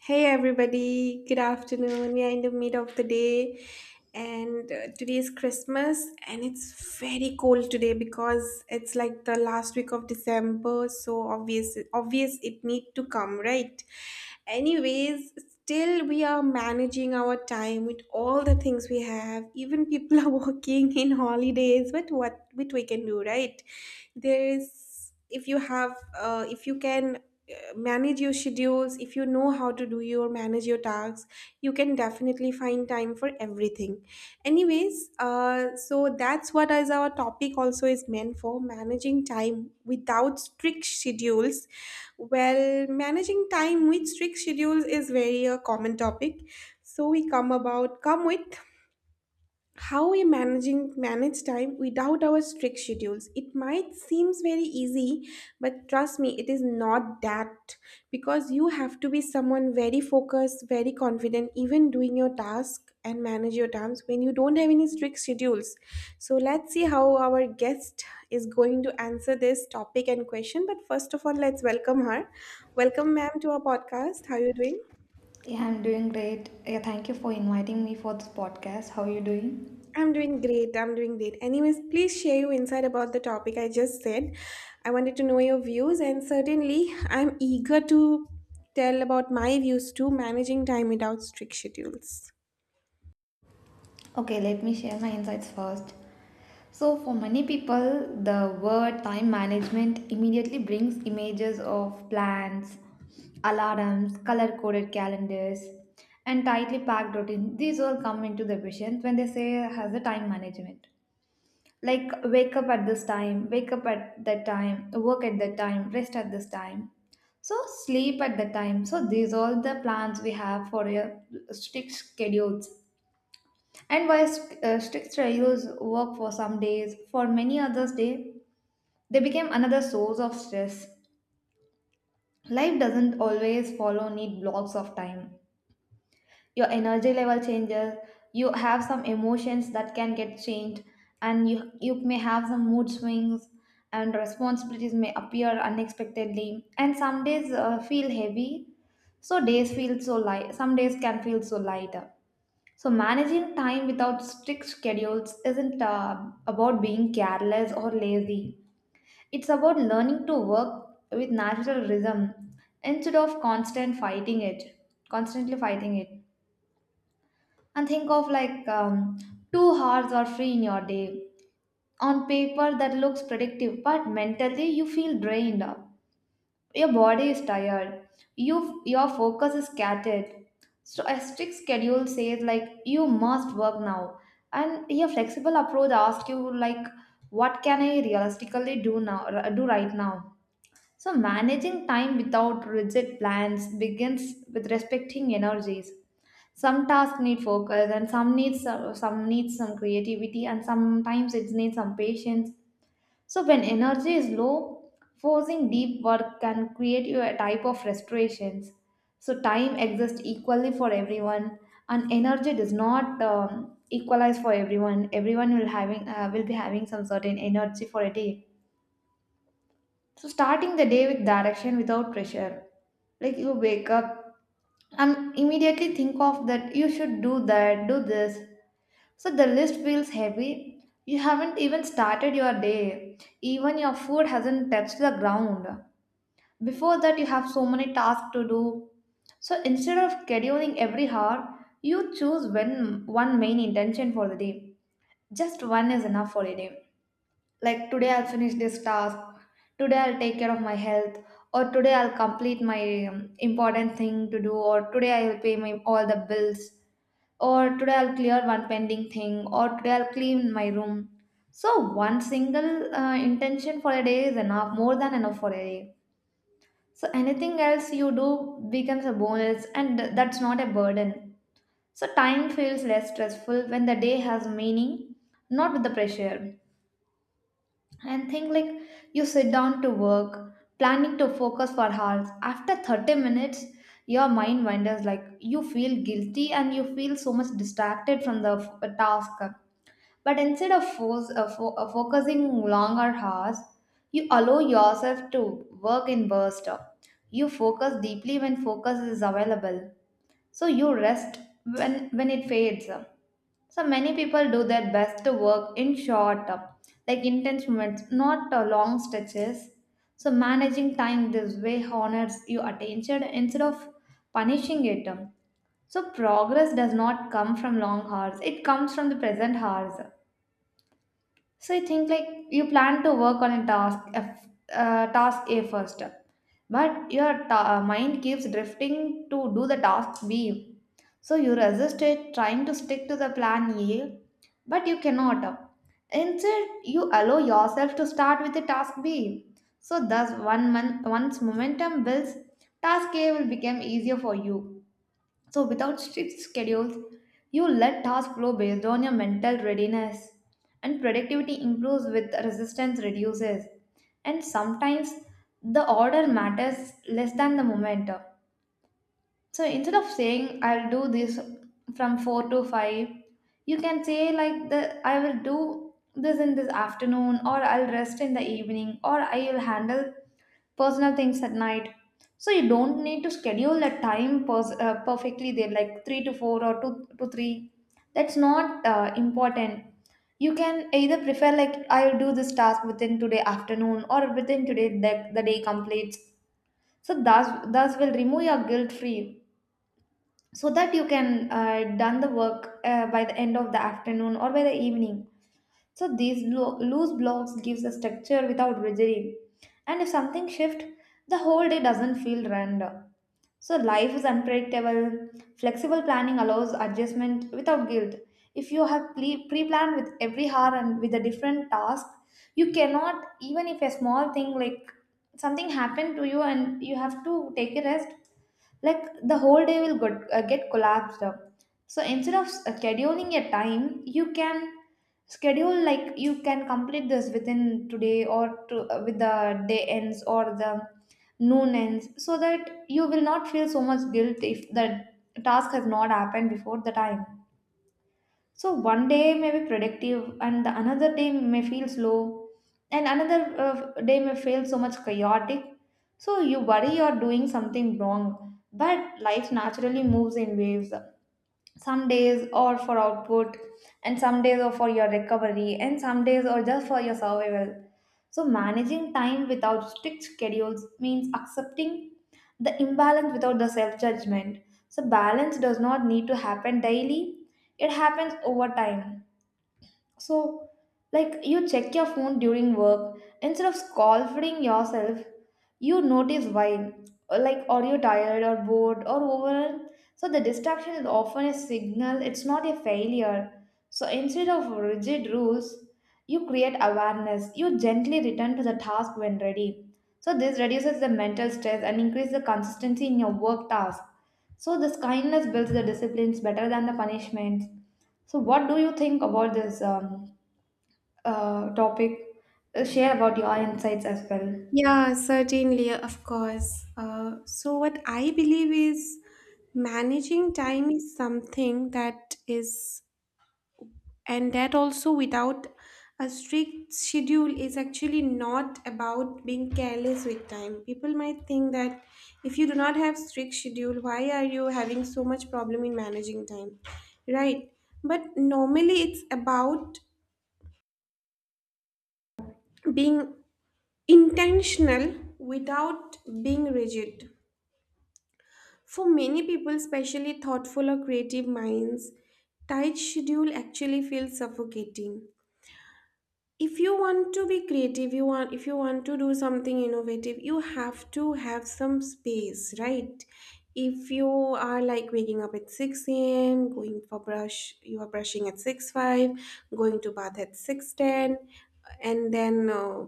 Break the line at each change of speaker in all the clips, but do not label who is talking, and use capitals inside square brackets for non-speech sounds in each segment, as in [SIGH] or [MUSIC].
Hey everybody, good afternoon. We are in the middle of the day and today is Christmas, and it's very cold today because it's like the last week of December, so obvious it need to come, right? Anyways, still we are managing our time with all the things we have. Even people are [LAUGHS] working in holidays, but what we can do, right? There is if you can manage your schedules, if you know how to do your manage your tasks you can definitely find time for everything. Anyways, so that's what is our topic also is meant for, managing time without strict schedules. Well, managing time with strict schedules is very a common topic, so we come with how we managing manage time without our strict schedules. It might seems very easy, but trust me it is not that, because you have to be someone very focused, very confident, even doing your task and manage your times when you don't have any strict schedules. So let's see how our guest is going to answer this topic and question, but first of all let's welcome her. Welcome, ma'am, to our podcast. How are you doing?
Yeah, I'm doing great. Yeah, thank you for inviting me for this podcast. How are you doing?
I'm doing great. I'm doing great. Anyways, please share your insight about the topic I just said. I wanted to know your views, and certainly I'm eager to tell about my views too. Managing time without strict schedules.
Okay, let me share my insights first. So, for many people, the word time management immediately brings images of plans, alarms, color coded calendars, and tightly packed routines. These all come into the vision when they say has a time management. Like, wake up at this time, wake up at that time, work at that time, rest at this time. So, sleep at the time. So, these all the plans we have for your strict schedules. And while strict schedules work for some days, for many others' day, they became another source of stress. Life doesn't always follow neat blocks of time. Your energy level changes. You have some emotions that can get changed, and you may have some mood swings, and responsibilities may appear unexpectedly, and some days feel heavy. So days feel so light, some days can feel so lighter. So managing time without strict schedules isn't about being careless or lazy. It's about learning to work with natural rhythm instead of constantly fighting it. And think of like 2 hours are free in your day. On paper, that looks productive, but mentally, you feel drained. Your body is tired. You, your focus is scattered. So, a strict schedule says like you must work now, and your flexible approach asks you like, what can I realistically do do right now. So, managing time without rigid plans begins with respecting energies. Some tasks need focus, and some needs some needs some creativity, and sometimes it needs some patience. So when energy is low, forcing deep work can create you a type of frustrations. So time exists equally for everyone, and energy does not equalize for everyone. Everyone will having will be having some certain energy for a day. So starting the day with direction without pressure, like you wake up and immediately think of that you should do that, do this. So the list feels heavy. You haven't even started your day. Even your food hasn't touched the ground. Before that, you have so many tasks to do. So instead of scheduling every hour, you choose when one main intention for the day. Just one is enough for a day. Like today I'll finish this task, today I'll take care of my health, or today I'll complete my important thing to do, or today I'll pay my all the bills, or today I'll clear one pending thing, or today I'll clean my room. So one single intention for a day is enough, more than enough for a day. So anything else you do becomes a bonus, and that's not a burden. So time feels less stressful when the day has meaning, not with the pressure. And think like you sit down to work planning to focus for hours. After 30 minutes, your mind wanders, like you feel guilty and you feel so much distracted from the task. But instead of focusing longer hours, you allow yourself to work in bursts. You focus deeply when focus is available, so you rest when it fades. So many people do their best to work in short, like intense moments, not long stretches. So managing time this way honors your attention instead of punishing it. So progress does not come from long hours; it comes from the present hours. So I think like you plan to work on a task, task A first, but your mind keeps drifting to do the task B. So you resist it, trying to stick to the plan A, but you cannot. Instead, you allow yourself to start with the task B. So thus, one month, once momentum builds, task A will become easier for you. So, without strict schedules, you let tasks flow based on your mental readiness, and productivity improves with resistance reduces. And sometimes the order matters less than the momentum. So instead of saying I'll do this from 4 to 5, you can say like the I will do this in this afternoon, or I'll rest in the evening, or I will handle personal things at night. So you don't need to schedule a time perfectly there, like 3 to 4 or 2 to 3. That's not important. You can either prefer like I'll do this task within today afternoon, or within today that the day completes. So thus will remove your guilt free, so that you can done the work by the end of the afternoon or by the evening. So these loose blocks gives a structure without rigidity. And if something shift, the whole day doesn't feel random. So life is unpredictable. Flexible planning allows adjustment without guilt. If you have pre-planned with every hour and with a different task, you cannot. Even if a small thing, like something happened to you and you have to take a rest, like the whole day will get collapsed up. So instead of scheduling a time, you can schedule like you can complete this within today, or with the day ends or the noon ends, so that you will not feel so much guilt if the task has not happened before the time. So one day may be productive, and the another day may feel slow, and another day may feel so much chaotic. So you worry you're doing something wrong, but life naturally moves in waves. Some days or for output, and some days or for your recovery, and some days or just for your survival. So managing time without strict schedules means accepting the imbalance without the self judgment. So balance does not need to happen daily. It happens over time. So, like you check your phone during work, instead of scolding yourself, you notice why. Or, like, are you tired or bored or overwhelmed? So, the distraction is often a signal, it's not a failure. So, instead of rigid rules, you create awareness, you gently return to the task when ready. So, this reduces the mental stress and increases the consistency in your work task. So, this kindness builds the disciplines better than the punishments. So, what do you think about this topic? Share about your insights as well.
Yeah, certainly, of course. So, what I believe is managing time is something that is, and that also without a strict schedule, is actually not about being careless with time. People might think that if you do not have strict schedule, why are you having so much problem in managing time, right? But normally it's about being intentional without being rigid. For many people, especially thoughtful or creative minds, tight schedule actually feels suffocating. If you want to be creative, you want if you want to do something innovative, you have to have some space, right? If you are like waking up at 6 a.m., going for brush, you are brushing at 6 5, going to bath at 6:10, and then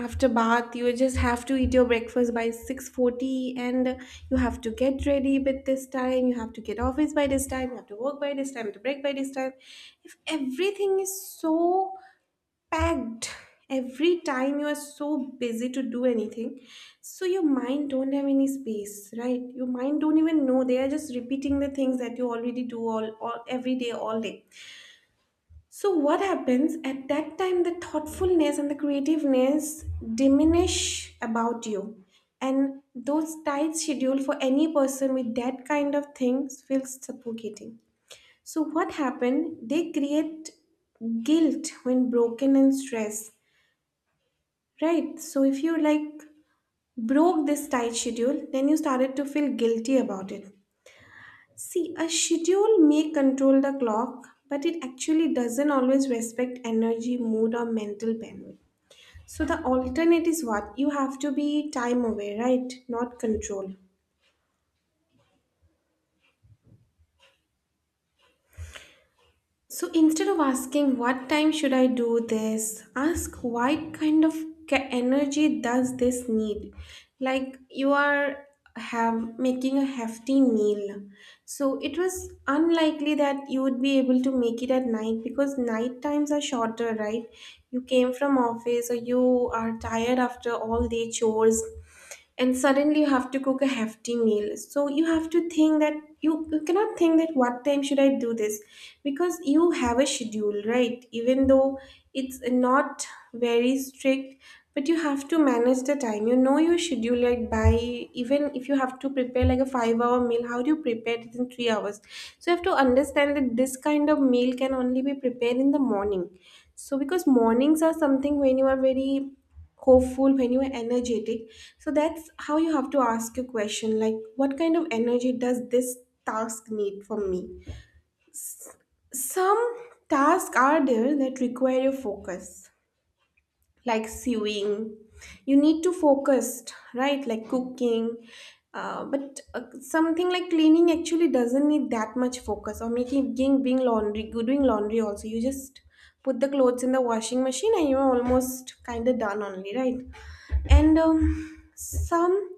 after bath you just have to eat your breakfast by 6:40, and you have to get ready with this time, you have to get office by this time, you have to work by this time, you have to break by this time. If everything is so packed, every time you are so busy to do anything, so your mind don't have any space, right? Your mind don't even know, they are just repeating the things that you already do all every day all day. So what happens at that time, the thoughtfulness and the creativeness diminish about you. And those tight schedule, for any person, with that kind of things feels suffocating. So what happened, they create guilt when broken and stressed. Right. So if you like broke this tight schedule, then you started to feel guilty about it. See, a schedule may control the clock, but it actually doesn't always respect energy, mood, or mental bandwidth. So the alternate is what? You have to be time aware, right? Not control. So instead of asking what time should I do this, ask what kind of energy does this need? Like, you are have making a hefty meal. So it was unlikely that you would be able to make it at night, because night times are shorter, right? You came from office or you are tired after all day chores, and suddenly you have to cook a hefty meal, so you have to think that you cannot think that what time should I do this, because you have a schedule, right? Even though it's not very strict, but you have to manage the time, you know your schedule, like, by, even if you have to prepare like a 5-hour meal, how do you prepare it in 3 hours? So you have to understand that this kind of meal can only be prepared in the morning. So, because mornings are something when you are very hopeful, when you are energetic, so that's how you have to ask a question, like what kind of energy does this task need from me? Some tasks are there that require your focus, like sewing, you need to focus, right? Like cooking. But something like cleaning actually doesn't need that much focus, or making being laundry good, doing laundry also, you just put the clothes in the washing machine and you're almost kind of done only, right? And some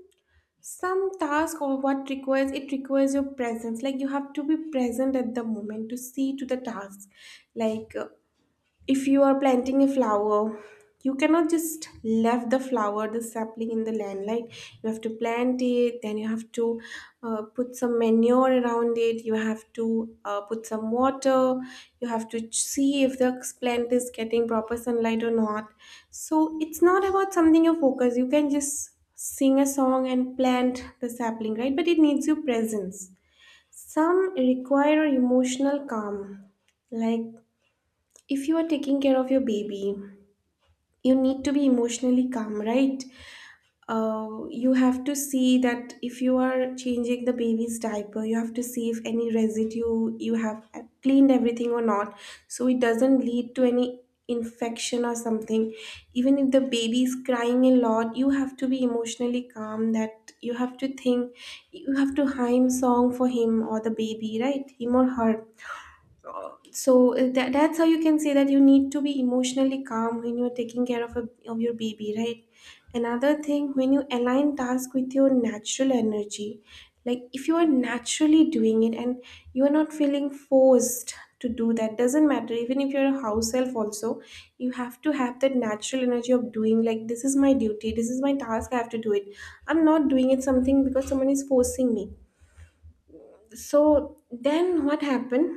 some task or what requires, it requires your presence, like you have to be present at the moment to see to the task. Like, if you are planting a flower, you cannot just leave the flower, the sapling in the land, like you have to plant it, then you have to put some manure around it, you have to put some water, you have to see if the plant is getting proper sunlight or not. So it's not about something you focus, you can just sing a song and plant the sapling, right? But it needs your presence. Some require emotional calm. Like, if you are taking care of your baby, you need to be emotionally calm, right? You have to see that if you are changing the baby's diaper, you have to see if any residue you have cleaned everything or not, so it doesn't lead to any infection or something. Even if the baby is crying a lot, you have to be emotionally calm. That, you have to think, you have to hymn song for him or the baby, right? Him or her. That's how you can say that you need to be emotionally calm when you're taking care of, a, of your baby, right? Another thing, when you align task with your natural energy, like, if you are naturally doing it and you are not feeling forced to do that, doesn't matter even if you're a house elf also, you have to have that natural energy of doing, like, this is my duty, this is my task, I have to do it. I'm not doing it something because someone is forcing me. So then what happened,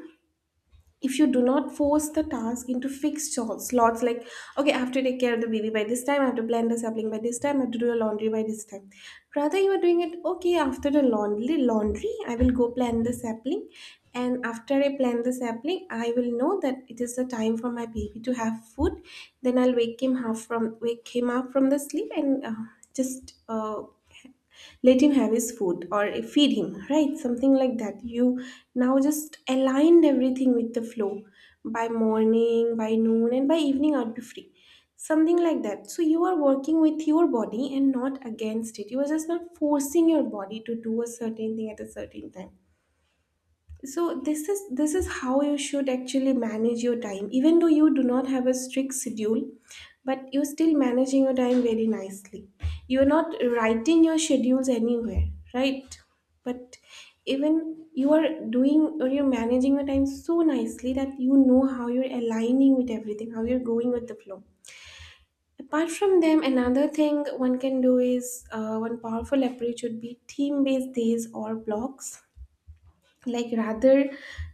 if you do not force the task into fixed slots, like, okay, I have to take care of the baby by this time, I have to blend the sapling by this time, I have to do the laundry by this time. Rather, you are doing it, okay, after the laundry I will go plant the sapling, and after I plant the sapling I will know that it is the time for my baby to have food. Then I'll wake him up from the sleep, and just let him have his food, or feed him, right? Something like that. You now just aligned everything with the flow. By morning, by noon, and by evening I'd be free. Something like that. So you are working with your body and not against it. You are just not forcing your body to do a certain thing at a certain time. So this is how you should actually manage your time even though you do not have a strict schedule. But you're still managing your time very nicely. You're not writing your schedules anywhere, right? But even you are doing, or you're managing your time so nicely, that you know how you're aligning with everything, how you're going with the flow. Apart from them, another thing one can do is, one powerful approach would be team-based days or blocks. Like, rather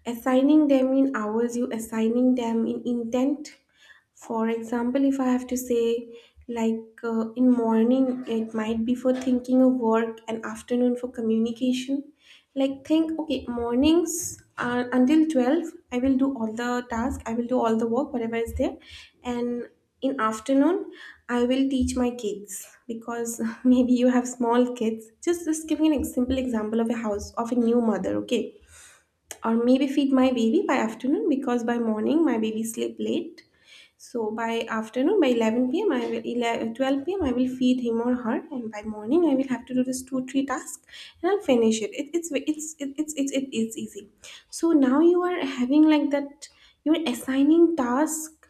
assigning them in hours, you assigning them in intent. For example, if I have to say, like, in morning it might be for thinking of work, and afternoon for communication. Like, think okay, mornings until 12 I will do all the task, I will do all the work whatever is there. And in afternoon I will teach my kids, because [LAUGHS] maybe you have small kids, just giving an simple example of a house, of a new mother, okay? Or maybe feed my baby by afternoon, because by morning my baby sleep late. So by afternoon, by 11 p.m I will, eleven twelve 12 p.m I will feed him or her, and by morning I will have to do this two three tasks, and I'll finish it. It's easy. So now you are having like that, you're assigning task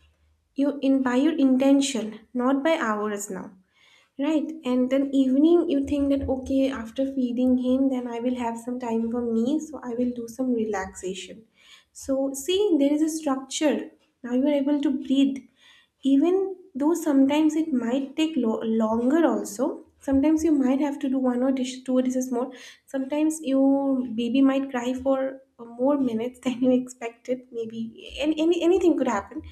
you in by your intention, not by hours now. Right, and then evening you think that, okay, after feeding him, then I will have some time for me, so I will do some relaxation. So, see, there is a structure. Now you are able to breathe, even though sometimes it might take longer. Also sometimes you might have to do one or dish two dishes more. Sometimes your baby might cry for more minutes [LAUGHS] than you expected. Maybe anything could happen.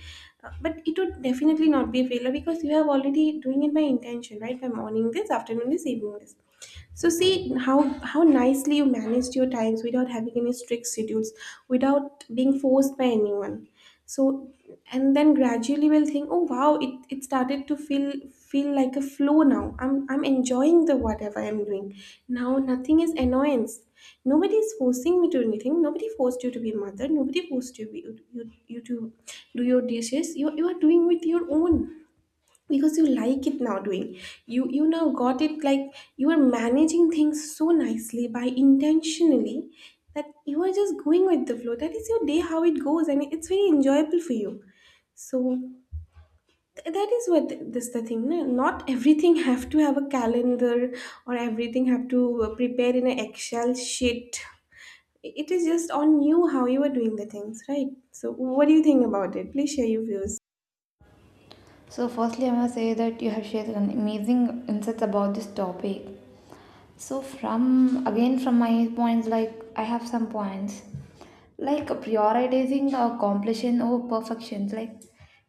But it would definitely not be a failure because you have already doing it by intention, right? By morning this, afternoon this, evening this. So see how nicely you managed your times without having any strict schedules, without being forced by anyone. So and then gradually we'll think, oh wow, it started to feel like a flow now. I'm enjoying the whatever I'm doing. Now nothing is annoyance. Nobody is forcing me to anything. Nobody forced you to be a mother. Nobody forced you to do your dishes. You are doing with your own because you like it now doing. You now got it, like, you are managing things so nicely by intentionally, that you are just going with the flow, that is your day how it goes, and it's very enjoyable for you. So that is what this the thing, no? Not everything [LAUGHS] have to have a calendar, or everything have to prepare in an excel sheet. It is just on you how you are doing the things, right? So what do you think about it? Please share your views.
So, firstly, I want to say that you have shared an amazing insights about this topic. So, from again, from my points, like I have some points. Like prioritizing the completion over perfection, like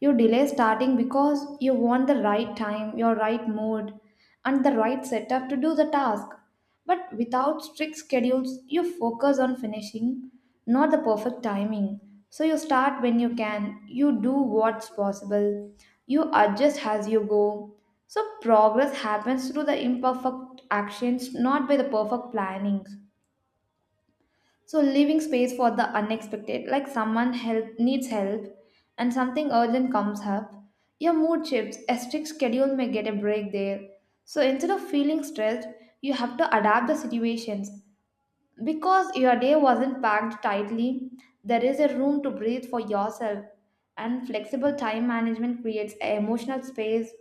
you delay starting because you want the right time, your right mood, and the right setup to do the task. But without strict schedules, you focus on finishing, not the perfect timing. So you start when you can, you do what's possible, you adjust as you go. So progress happens through the imperfect actions, not by the perfect plannings. So leaving space for the unexpected, like someone help needs help and something urgent comes up, your mood shifts, a strict schedule may get a break there. So instead of feeling stressed, you have to adapt the situations. Because your day wasn't packed tightly, there is a room to breathe for yourself. And flexible time management creates a emotional space,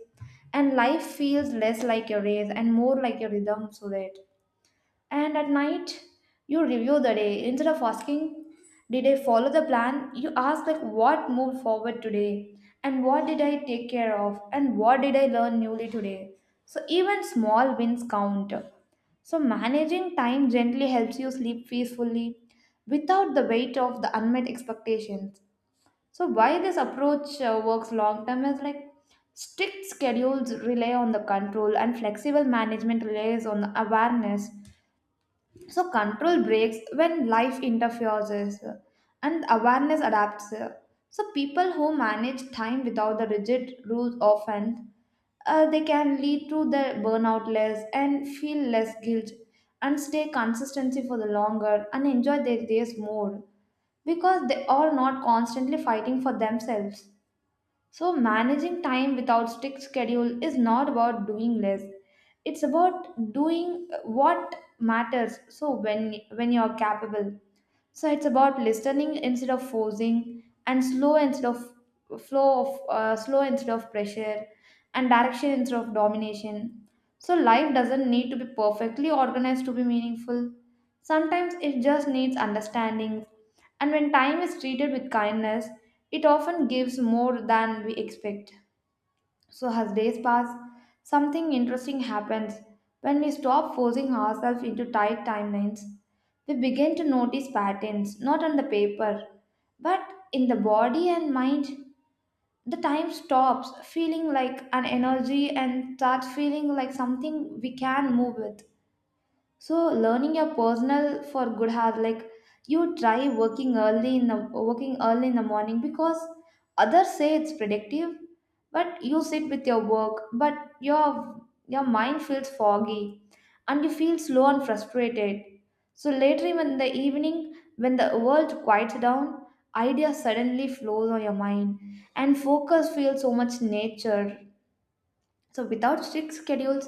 and life feels less like a race and more like a rhythm so that. And at night, you review the day. Instead of asking, did I follow the plan? You ask, like, what moved forward today? And what did I take care of? And what did I learn newly today? So even small wins count. So managing time gently helps you sleep peacefully without the weight of the unmet expectations. So why this approach works long term is like strict schedules rely on the control, and flexible management relies on the awareness. So control breaks when life interferes, uh, and awareness adapts. So people who manage time without the rigid rules often they can lead to the burnout less and feel less guilt and stay consistency for the longer and enjoy their days more, because they are not constantly fighting for themselves. So, managing time without strict schedule is not about doing less. It's about doing what matters. So, when you're capable. So, it's about listening instead of forcing, and slow instead of flow of slow instead of pressure, and direction instead of domination. So, life doesn't need to be perfectly organized to be meaningful. Sometimes it just needs understanding. And when time is treated with kindness, it often gives more than we expect. So, as days pass, something interesting happens. When we stop forcing ourselves into tight timelines, we begin to notice patterns, not on the paper, but in the body and mind. The time stops feeling like an energy and starts feeling like something we can move with. So learning your personal for good health, like you try working early in the morning because others say it's productive, but you sit with your work, but your your mind feels foggy and you feel slow and frustrated. So later in the evening, when the world quiets down, ideas suddenly flows on your mind and focus feels so much nature. So, without strict schedules,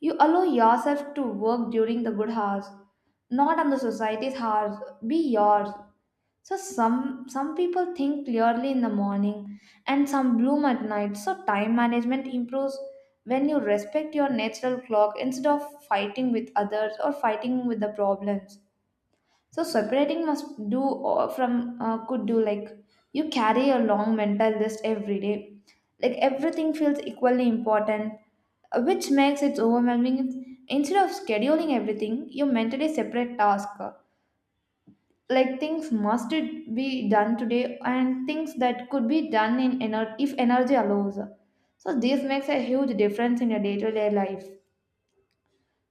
you allow yourself to work during the good hours, not on the society's hours. Be yours. So, some people think clearly in the morning, and some bloom at night. So, time management improves when you respect your natural clock instead of fighting with others or fighting with the problems. So separating must do or from could do, like you carry a long mental list every day. Like everything feels equally important, which makes it overwhelming. Instead of scheduling everything, you mentally separate tasks. Like things must be done today and things that could be done in if energy allows. So this makes a huge difference in your day-to-day life.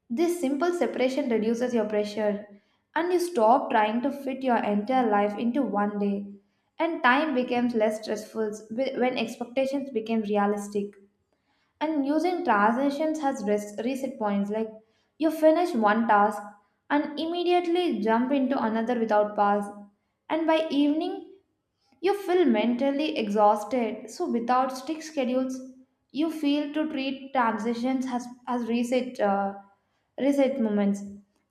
This simple separation reduces your pressure and you stop trying to fit your entire life into one day. And time becomes less stressful when expectations become realistic. And using transitions has rest, reset points, like you finish one task and immediately jump into another without pause. And by evening, you feel mentally exhausted, so without strict schedules, you feel to treat transitions as reset, reset moments.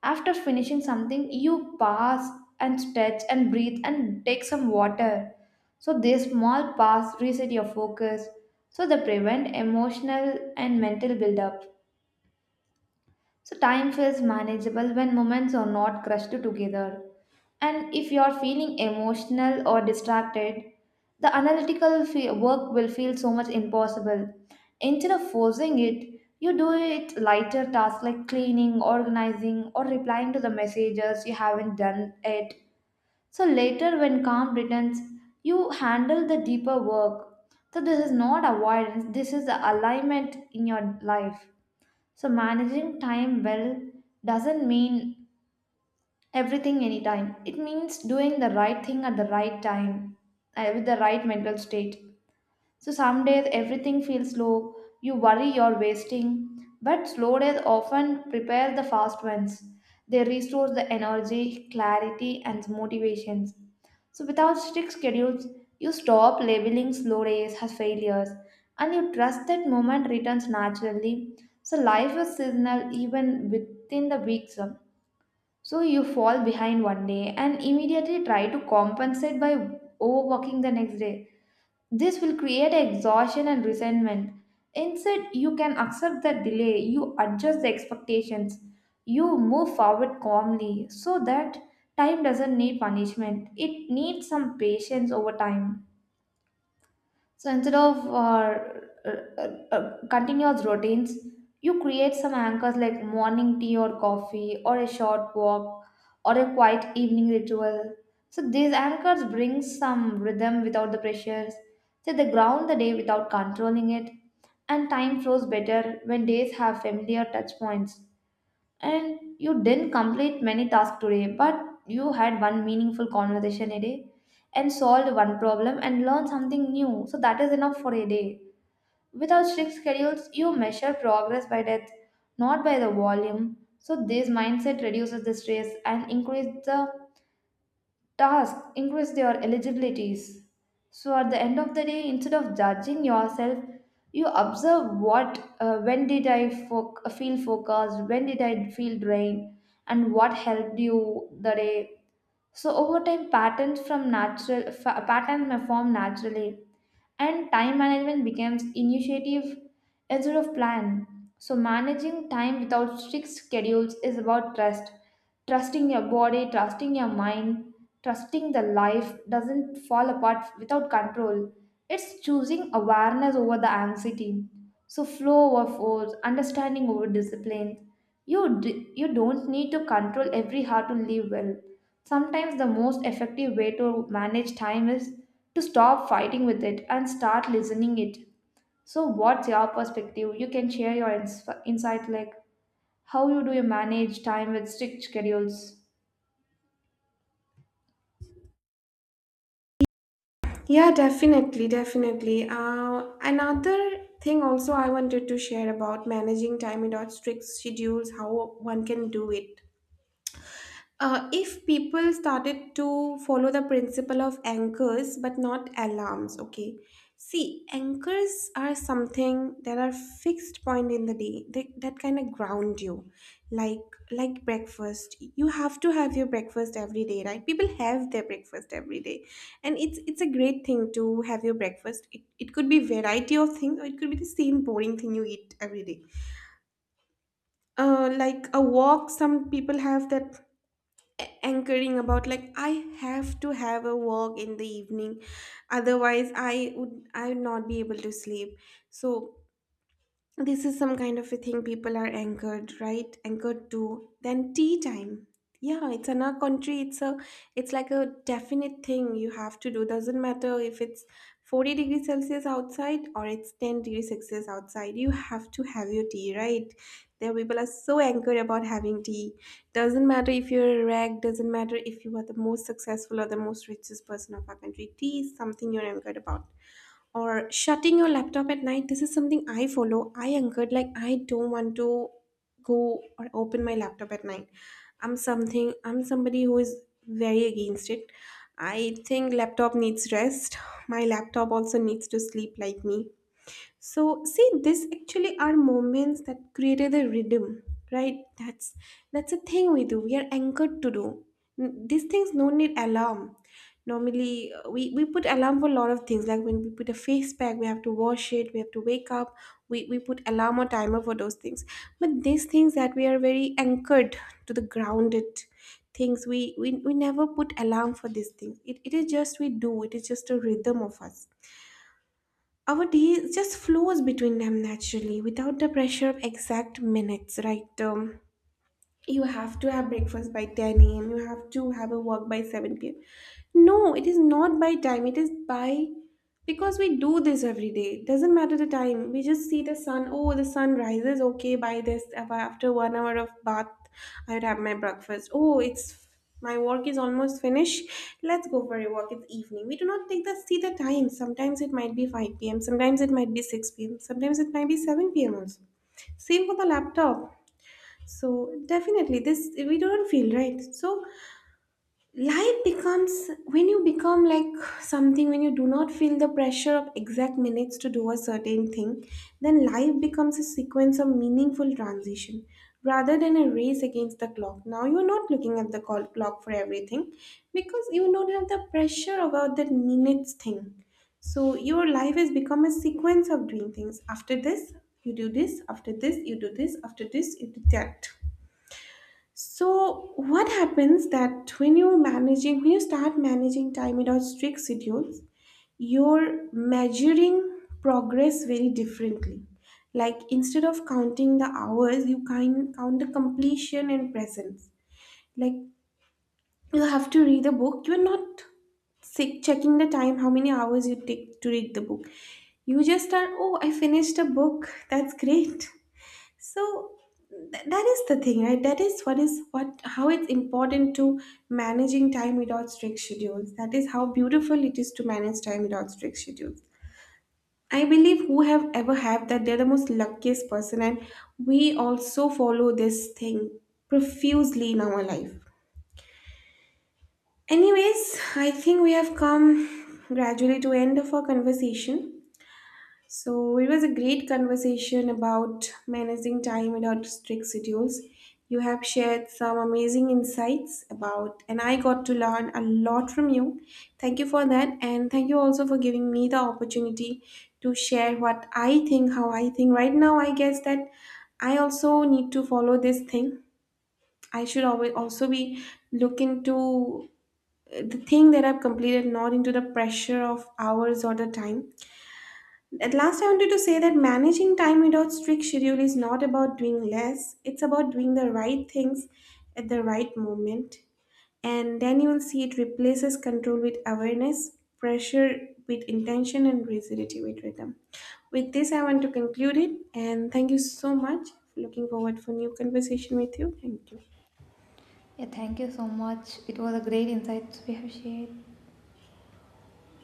After finishing something, you pause and stretch and breathe and take some water. So this small pause reset your focus, so they prevent emotional and mental buildup. So time feels manageable when moments are not crushed together. And if you are feeling emotional or distracted, the analytical work will feel so much impossible. Instead of forcing it, you do it lighter tasks like cleaning, organizing, or replying to the messages you haven't done yet. So later, when calm returns, you handle the deeper work. So this is not avoidance, this is the alignment in your life. So, managing time well doesn't mean everything anytime. It means doing the right thing at the right time with the right mental state. So some days everything feels slow, you worry you're wasting, but slow days often prepare the fast ones. They restore the energy, clarity, and motivations. So without strict schedules, you stop labeling slow days as failures and you trust that moment returns naturally. So life is seasonal even within the weeks. So you fall behind one day and immediately try to compensate by overworking the next day. This will create exhaustion and resentment. Instead, you can accept the delay, you adjust the expectations, you move forward calmly so that time doesn't need punishment. It needs some patience over time. So instead of uh, uh, continuous routines, you create some anchors like morning tea or coffee, or a short walk, or a quiet evening ritual. So these anchors bring some rhythm without the pressures. So they ground the day without controlling it, and time flows better when days have familiar touch points. And you didn't complete many tasks today, but you had one meaningful conversation a day and solved one problem and learned something new. So that is enough for a day. Without strict schedules, you measure progress by depth, not by the volume. So this mindset reduces the stress and increases the tasks increase their eligibilities. So at the end of the day, instead of judging yourself, you observe what, when did I feel focused, when did I feel drained, and what helped you the day. So over time, patterns from patterns may form naturally, and time management becomes initiative instead of plan. So managing time without strict schedules is about trust, trusting your body, trusting your mind, trusting the life doesn't fall apart without control. It's choosing awareness over the anxiety. So flow over force, understanding over discipline. You don't need to control every heart to live well. Sometimes the most effective way to manage time is to stop fighting with it and start listening it. So what's your perspective? You can share your insight, like how you do you manage time with strict schedules.
Yeah, definitely. Another thing also I wanted to share about managing time without strict schedules, how one can do it. If people started to follow the principle of anchors but not alarms, okay. See, anchors are something that are fixed point in the day. They, that kind of ground you, like breakfast. You have to have your breakfast every day, right? People have their breakfast every day, and it's a great thing to have your breakfast. It could be variety of things, or it could be the same boring thing you eat every day. Like a walk, some people have that anchoring, about like I have to have a walk in the evening, otherwise I would not be able to sleep. So this is some kind of a thing people are anchored, right? Anchored to then tea time. Yeah, it's in our country, it's a it's like a definite thing you have to do. Doesn't matter if it's 40 degrees celsius outside or it's 10 degrees celsius outside, you have to have your tea, right? There people are so anchored about having tea. Doesn't matter if you're a rag, doesn't matter if you are the most successful or the most richest person of our country, tea is something you're anchored about. Or shutting your laptop at night, this is something I follow. I anchored, like I don't want to go or open my laptop at night. I'm somebody who is very against it. I think laptop needs rest. My laptop also needs to sleep like me. So see, this actually are moments that created a rhythm, right? That's a thing we do, we are anchored to do. These things no need alarm. Normally we put alarm for a lot of things, like when we put a face pack we have to wash it, we have to wake up. We put alarm or timer for those things. But these things that we are very anchored to, the grounded things, we never put alarm for these things. It is just we do. It is just a rhythm of us. Our day just flows between them naturally, without the pressure of exact minutes, right? You have to have breakfast by 10 a.m. You have to have a work by 7 p.m. No, it is not by time. It is by because we do this every day. Doesn't matter the time. We just see the sun. Oh, the sun rises. Okay, by this, after 1 hour of bath, I would have my breakfast. Oh, it's my work is almost finished. Let's go for a walk. It's evening. We do not take the see the time. Sometimes it might be 5 p.m. Sometimes it might be 6 p.m. Sometimes it might be 7 p.m. also. Same for the laptop. So definitely this we don't feel right. So life becomes when you become like something, when you do not feel the pressure of exact minutes to do a certain thing, then life becomes a sequence of meaningful transition rather than a race against the clock. Now you're not looking at the clock for everything because you don't have the pressure about that minutes thing. So your life has become a sequence of doing things. After this, you do this, after this, you do this, after this, you do that. So, what happens that when you're managing, when you start managing time without strict schedules, you're measuring progress very differently. Like instead of counting the hours, you kind count the completion and presence. Like you have to read the book, you're not sick checking the time, how many hours you take to read the book. You just are, oh, I finished a book. That's great. So that is the thing, right? That is what how it's important to managing time without strict schedules. That is how beautiful it is to manage time without strict schedules. I believe who have ever have that, they're the most luckiest person, and we also follow this thing profusely in our life. Anyways, I think we have come gradually to end of our conversation. So it was a great conversation about managing time without strict schedules. You have shared some amazing insights about, and I got to learn a lot from you. Thank you for that, and thank you also for giving me the opportunity to share what I think, how I think. Right now, I guess that I also need to follow this thing. I should always also be looking to the thing that I've completed, not into the pressure of hours or the time. At last, I wanted to say that managing time without strict schedule is not about doing less, it's about doing the right things at the right moment. And then you will see it replaces control with awareness, pressure with intention, and rigidity with rhythm. With this, I want to conclude it. And thank you so much. Looking forward for new conversation with you. Thank you.
Yeah, thank you so much. It was a great insight we have shared.